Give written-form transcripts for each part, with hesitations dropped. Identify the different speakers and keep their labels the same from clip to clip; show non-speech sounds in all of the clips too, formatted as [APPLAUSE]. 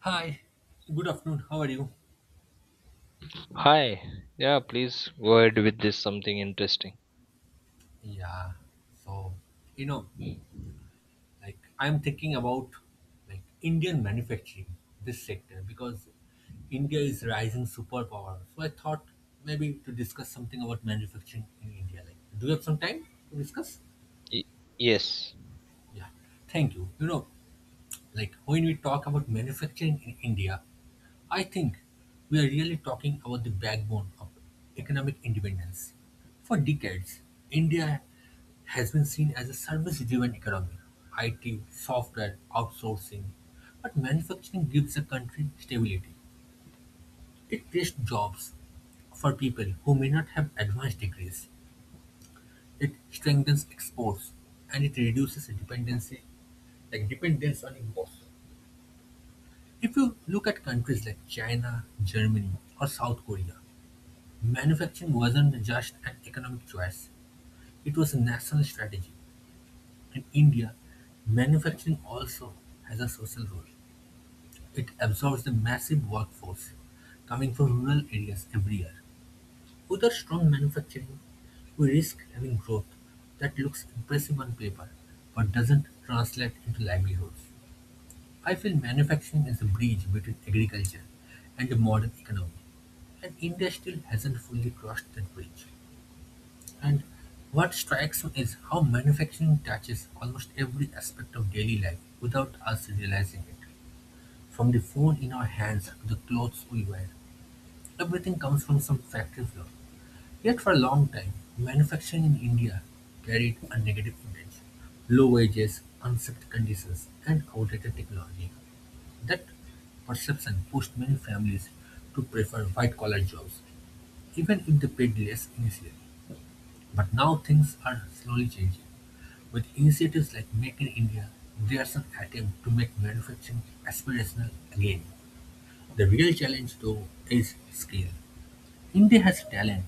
Speaker 1: Hi, good afternoon. How are you?
Speaker 2: Hi. Yeah, please go ahead with this something interesting.
Speaker 1: Yeah, so You know, like, I'm thinking about like Indian manufacturing, this sector, because India is rising superpower. So I thought maybe to discuss something about manufacturing in India. Like, do you have some time to discuss?
Speaker 2: Y- yes.
Speaker 1: Yeah, thank you. Like when we talk about manufacturing in India, I think we are really talking about the backbone of economic independence. For decades, India has been seen as a service driven economy IT, software, outsourcing. But manufacturing gives a country stability. It creates jobs for people who may not have advanced degrees. It strengthens exports and it reduces dependency, like dependence on imports. If you look at countries like China, Germany, or South Korea, manufacturing wasn't just an economic choice, it was a national strategy. In India, manufacturing also has a social role. It absorbs the massive workforce coming from rural areas every year. Without strong manufacturing, we risk having growth that looks impressive on paper but doesn't translate into livelihoods. I feel manufacturing is a bridge between agriculture and the modern economy. And India still hasn't fully crossed that bridge. And what strikes me is how manufacturing touches almost every aspect of daily life without us realizing it. From the phone in our hands to the clothes we wear, everything comes from some factory floor. Yet for a long time, manufacturing in India carried a negative image. Low wages, unsafe conditions, and outdated technology. That perception pushed many families to prefer white collar jobs even if they paid less initially. But now things are slowly changing. With initiatives like Make in India, there's an attempt to make manufacturing aspirational again. The real challenge, though, is scale. India has talent,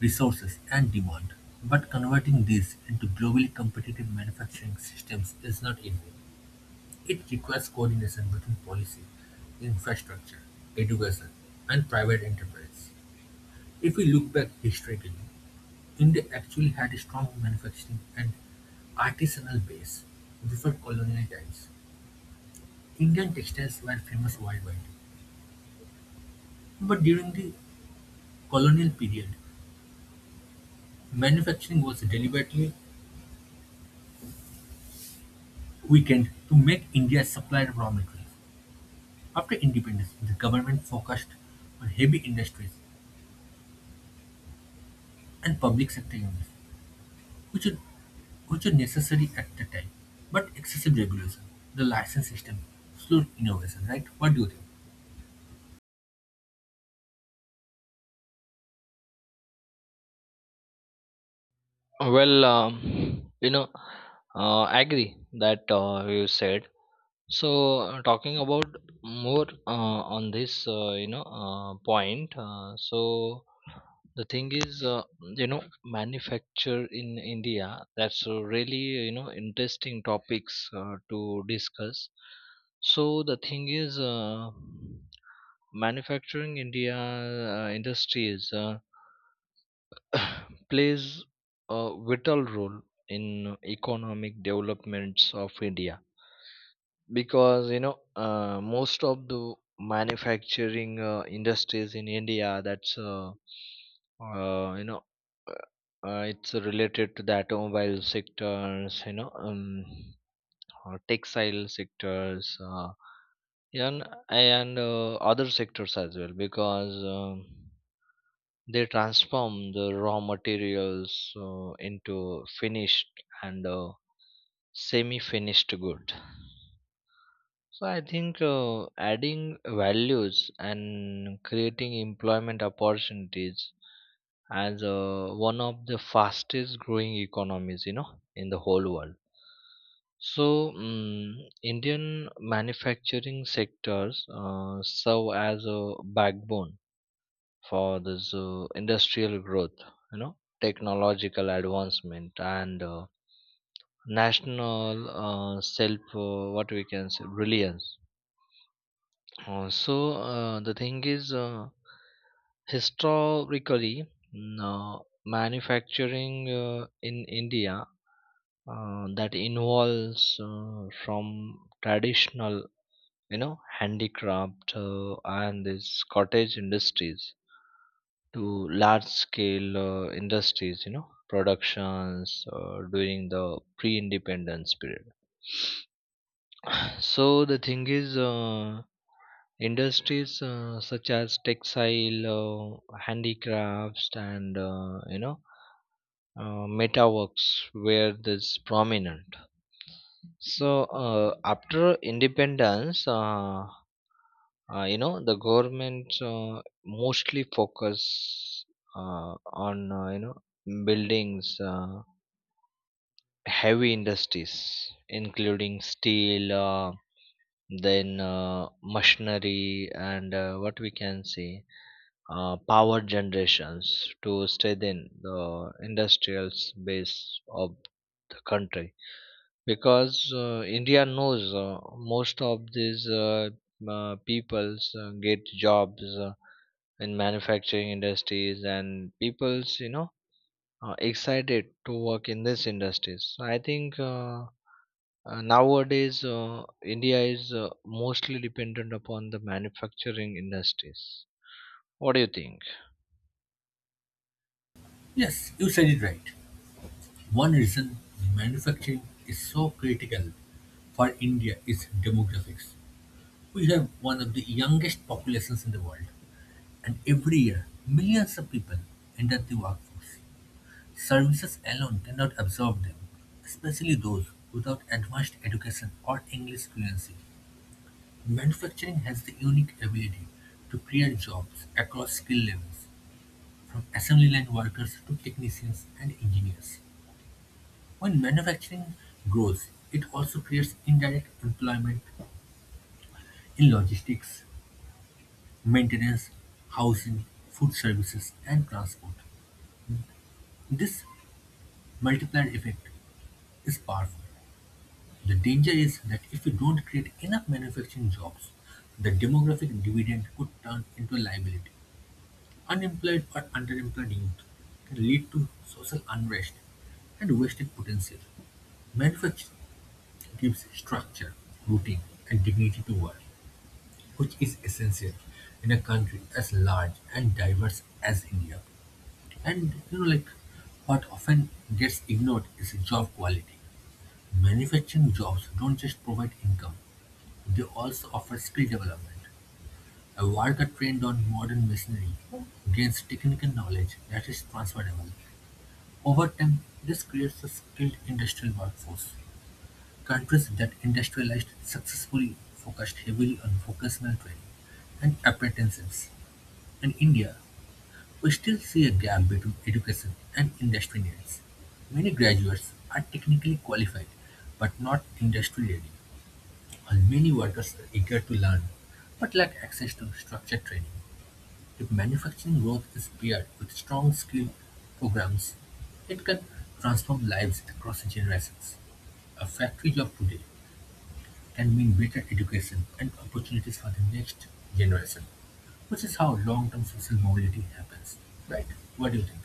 Speaker 1: resources, and demand, but converting these into globally competitive manufacturing systems is not easy. It requires coordination between policy, infrastructure, education, and private enterprise. If we look back historically, India actually had a strong manufacturing and artisanal base before colonial times. Indian textiles were famous worldwide, but during the colonial period, manufacturing was deliberately weakened to make India a supplier of raw materials. After independence, the government focused on heavy industries and public sector units, which would which were necessary at the time, but excessive regulation, the license system, slowed innovation, right? What do you think?
Speaker 2: Well, I agree that you said. So, talking about more on this, point. The thing is, manufacture in India. That's a really interesting topics to discuss. So the thing is, manufacturing India industries [COUGHS] plays a vital role in economic developments of India because most of the manufacturing industries in India that's you know it's related to the automobile sectors textile sectors and other sectors as well because they transform the raw materials into finished and semi-finished good. So I think adding values and creating employment opportunities as one of the fastest growing economies, you know, in the whole world. So, Indian manufacturing sectors serve as a backbone for this industrial growth, you know, technological advancement and national self, what we can say, reliance. The thing is, historically, manufacturing in India that involves from traditional, you know, handicraft and these cottage industries to large-scale industries, you know, productions during the pre-independence period. So the thing is, industries such as textile, handicrafts, and you know, metaworks were this prominent. So, after independence, you know, the government mostly focus on you know buildings, heavy industries, including steel. Then machinery and what we can say power generations to strengthen the industrial base of the country because india knows most of these peoples get jobs in manufacturing industries and people's you know are excited to work in these industries. So I think nowadays, India is mostly dependent upon the manufacturing industries. What do you think?
Speaker 1: Yes, you said it right. One reason manufacturing is so critical for India is demographics. We have one of the youngest populations in the world, and every year millions of people enter the workforce. Services alone cannot absorb them, especially those without advanced education or English fluency. Manufacturing has the unique ability to create jobs across skill levels, from assembly line workers to technicians and engineers. When manufacturing grows, it also creates indirect employment in logistics, maintenance, housing, food services, and transport. This multiplier effect is powerful. The danger is that if we don't create enough manufacturing jobs, the demographic dividend could turn into a liability. Unemployed or underemployed youth can lead to social unrest and wasted potential. Manufacturing gives structure, routine, and dignity to work, which is essential in a country as large and diverse as India. And like what often gets ignored is job quality. Manufacturing jobs don't just provide income; they also offer skill development. A worker trained on modern machinery gains technical knowledge that is transferable. Over time, this creates a skilled industrial workforce. Countries that industrialized successfully focused heavily on vocational training and apprenticeships. In India, we still see a gap between education and industry needs. Many graduates are technically qualified but not industry ready, while many workers are eager to learn but lack access to structured training. If manufacturing growth is paired with strong skill programs, it can transform lives across generations. A factory job today can mean better education and opportunities for the next generation, which is how long-term social mobility happens. Right? What do you think?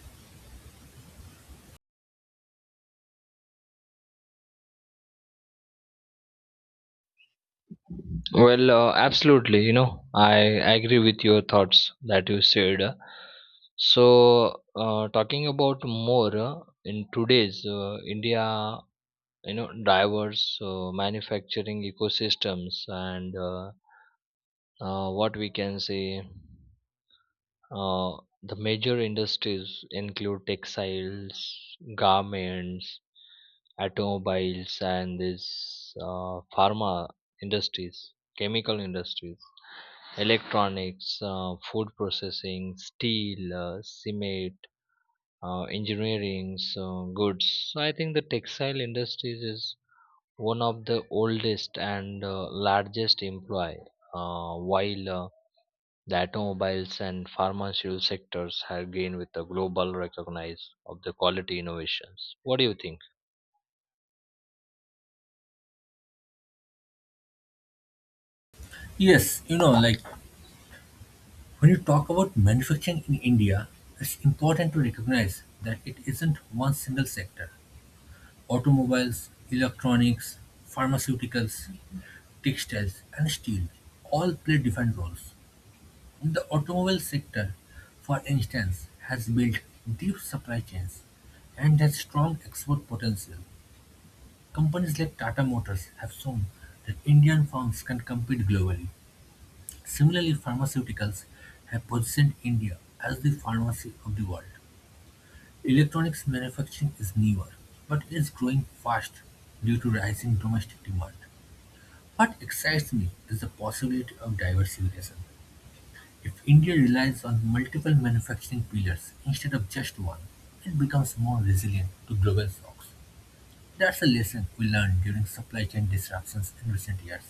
Speaker 2: Well, absolutely. You know, I agree with your thoughts that you said. So, talking about more in today's India, you know, diverse manufacturing ecosystems and what we can say, uh, the major industries include textiles, garments, automobiles and this pharma industries, chemical industries, electronics food processing, steel cement engineering so goods. So I think the textile industries is one of the oldest and largest employer, while the automobiles and pharmaceutical sectors have gained with the global recognize of the quality innovations. What do you think?
Speaker 1: Yes, like when you talk about manufacturing in India, it's important to recognize that it isn't one single sector. Automobiles, electronics, pharmaceuticals, textiles, and steel all play different roles. The automobile sector, for instance, has built deep supply chains and has strong export potential. Companies like Tata Motors have shown that Indian firms can compete globally. Similarly, pharmaceuticals have positioned India as the pharmacy of the world. Electronics manufacturing is newer, but is growing fast due to rising domestic demand. What excites me is the possibility of diversification. If India relies on multiple manufacturing pillars instead of just one, it becomes more resilient to global shocks. That's a lesson we learned during supply chain disruptions in recent years.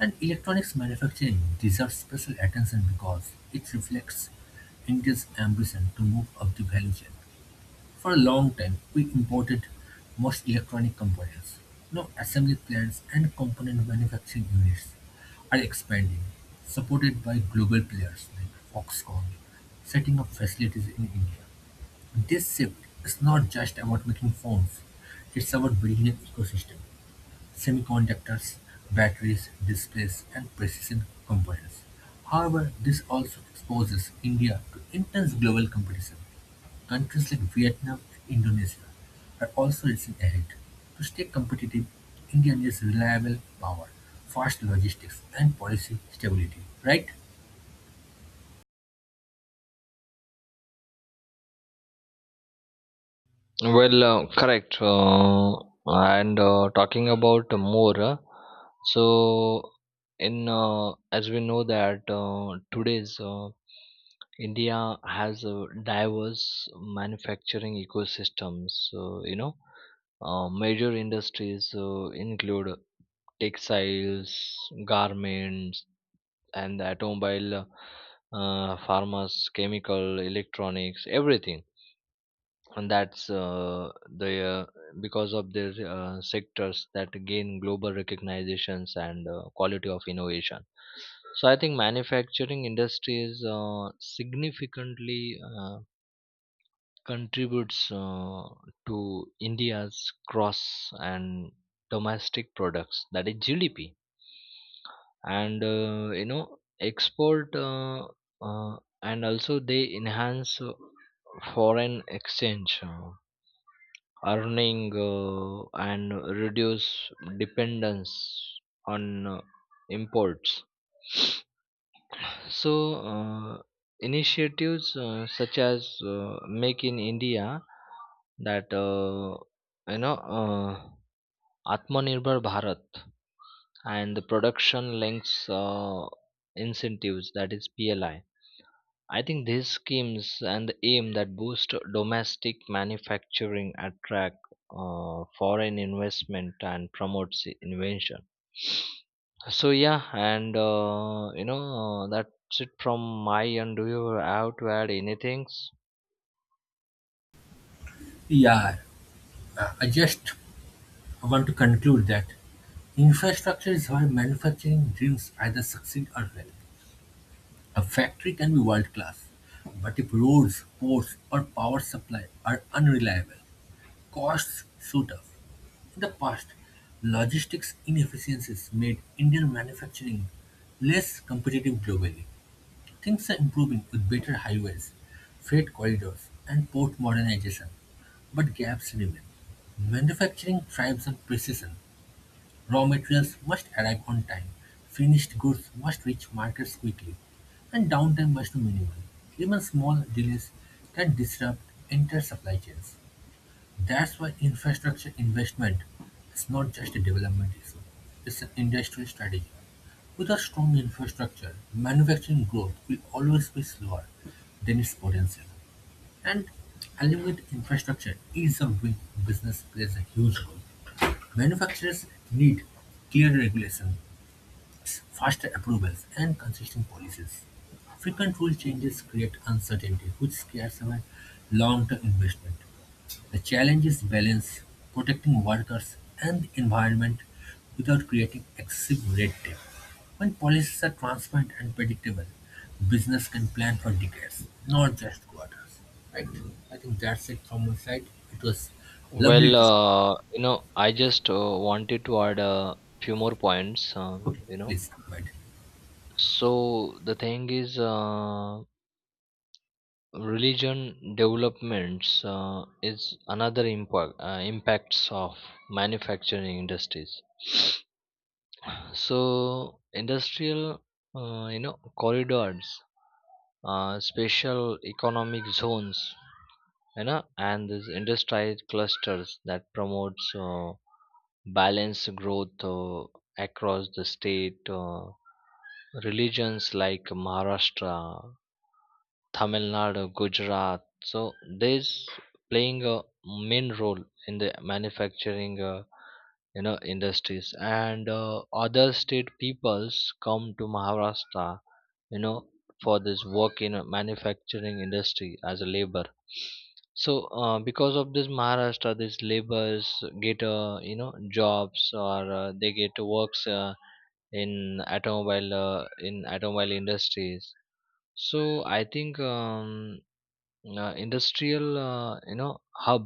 Speaker 1: And electronics manufacturing deserves special attention because it reflects India's ambition to move up the value chain. For a long time, we imported most electronic components. Now, assembly plants and component manufacturing units are expanding, supported by global players like Foxconn, setting up facilities in India. This shift is not just about making phones, it's about building an ecosystem: semiconductors, batteries, displays and precision components. However, this also exposes India to intense global competition. Countries like Vietnam and Indonesia are also racing ahead. To stay competitive, India needs reliable power, fast logistics and policy stability, right?
Speaker 2: Well, correct. And talking about more, so in as we know that today's India has a diverse manufacturing ecosystems. You know, major industries include textiles, garments, and automobile, pharmas, chemical, electronics, everything. And that's the Because of their sectors that gain global recognitions and quality of innovation. So I think manufacturing industries significantly contributes to india's cross and domestic products, that is gdp, and you know export uh, and also they enhance foreign exchange earning and reduce dependence on imports. So, initiatives such as Make in India, that you know uh, Atmanirbhar Bharat, and the production links incentives, that is PLI. I think these schemes and the aim that boost domestic manufacturing, attract foreign investment and promotes invention. So yeah, and you know, that's it from my end. Do you have to add anything?
Speaker 1: Yeah, I just want to conclude that infrastructure is where manufacturing dreams either succeed or fail. A factory can be world-class, but if roads, ports, or power supply are unreliable, costs shoot up. In the past, logistics inefficiencies made Indian manufacturing less competitive globally. Things are improving with better highways, freight corridors, and port modernization, but gaps remain. Manufacturing thrives on precision. Raw materials must arrive on time, finished goods must reach markets quickly, and downtime must be minimal. Even small delays can disrupt entire supply chains. That's why infrastructure investment is not just a development issue, it's an industry strategy. With a strong infrastructure, manufacturing growth will always be slower than its potential. And along with infrastructure, ease of doing business plays a huge role. Manufacturers need clear regulations, faster approvals, and consistent policies. Frequent rule changes create uncertainty, which scares away long-term investment. The challenge is balance, protecting workers and the environment without creating excessive red tape. When policies are transparent and predictable, business can plan for decades, not just quarters. Right? I think that's it from my side. It was lovely.
Speaker 2: Well,
Speaker 1: to-
Speaker 2: you know, I just wanted to add a few more points.
Speaker 1: Okay,
Speaker 2: You know,
Speaker 1: please go ahead.
Speaker 2: so the thing is, religion developments is another impact impacts of manufacturing industries. So industrial you know corridors, special economic zones, you know, and these industrial clusters that promotes balanced growth across the state religions like maharashtra, Tamil Nadu, Gujarat. So this playing a main role in the manufacturing, you know, industries. And other state peoples come to Maharashtra, you know, for this work in a manufacturing industry as a labor. So, because of this Maharashtra, these laborers get you know jobs, or they get works in automobile industries. So I think. Industrial you know hub,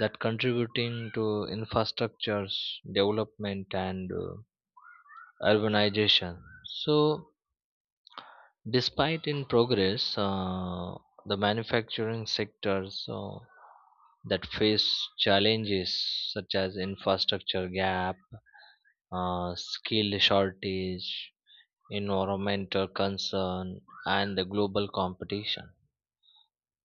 Speaker 2: that contributing to infrastructures development and urbanization. So despite in progress, the manufacturing sectors that face challenges such as infrastructure gap, skill shortage, environmental concern, and the global competition.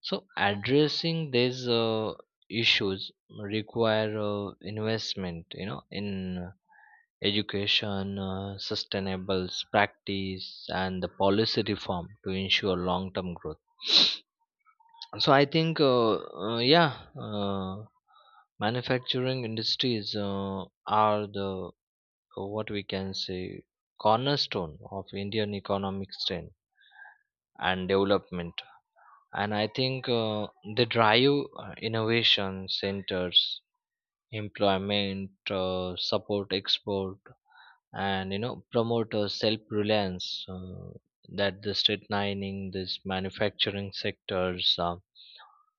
Speaker 2: So addressing these issues require investment, you know, in education, sustainable practice, and the policy reform to ensure long-term growth. So I think, yeah, manufacturing industries are the what we can say cornerstone of Indian economic strength and development. And I think they drive innovation centers, employment, support export, and you know promote self-reliance, that the state mining this manufacturing sectors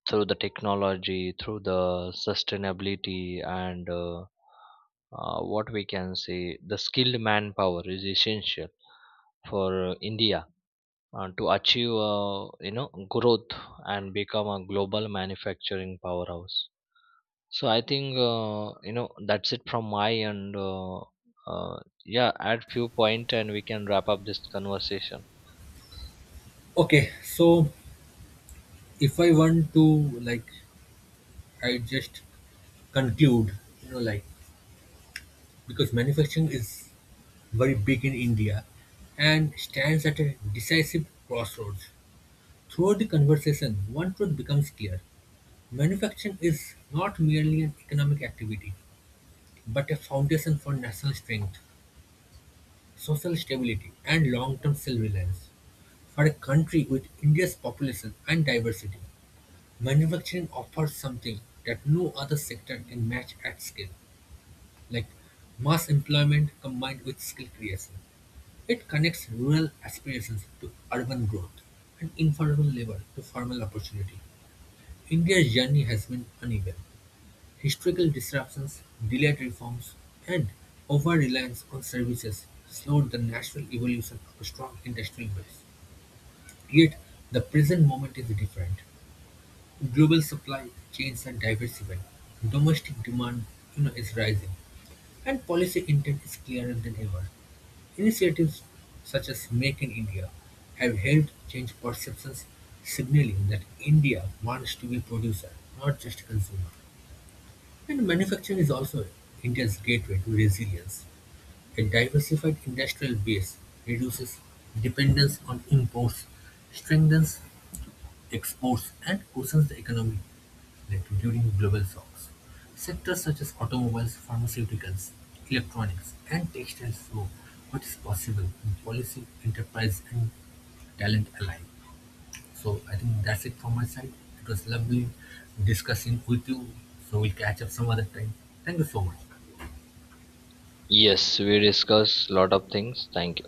Speaker 2: through the technology, through the sustainability and what we can say the skilled manpower is essential for india to achieve you know growth and become a global manufacturing powerhouse. So I think, you know, that's it from my end. Uh, yeah, add few point and we can wrap up this conversation.
Speaker 1: Okay, so if I want to, like, I just conclude, like, because manufacturing is very big in India and stands at a decisive crossroads. Throughout the conversation, one truth becomes clear. Manufacturing is not merely an economic activity, but a foundation for national strength, social stability, and long-term self-reliance for a country with India's population and diversity. Manufacturing offers something that no other sector can match at scale, like mass employment combined with skill creation. It connects rural aspirations to urban growth and informal labor to formal opportunity. India's journey has been uneven. Historical disruptions, delayed reforms, and over reliance on services slowed the natural evolution of a strong industrial base. Yet, the present moment is different. Global supply chains are diversifying, domestic demand, is rising, and policy intent is clearer than ever. Initiatives such as Make in India have helped change perceptions, signaling that India wants to be a producer, not just a consumer. And manufacturing is also India's gateway to resilience. A diversified industrial base reduces dependence on imports, strengthens exports and worsens the economy later during global shocks. Sectors such as automobiles, pharmaceuticals, electronics, and textiles show what is possible in policy, enterprise, and talent alike. So I think that's it from my side. It was lovely discussing with you. So we'll catch up some other time. Thank you so much.
Speaker 2: Yes, we discuss lot of things. Thank you.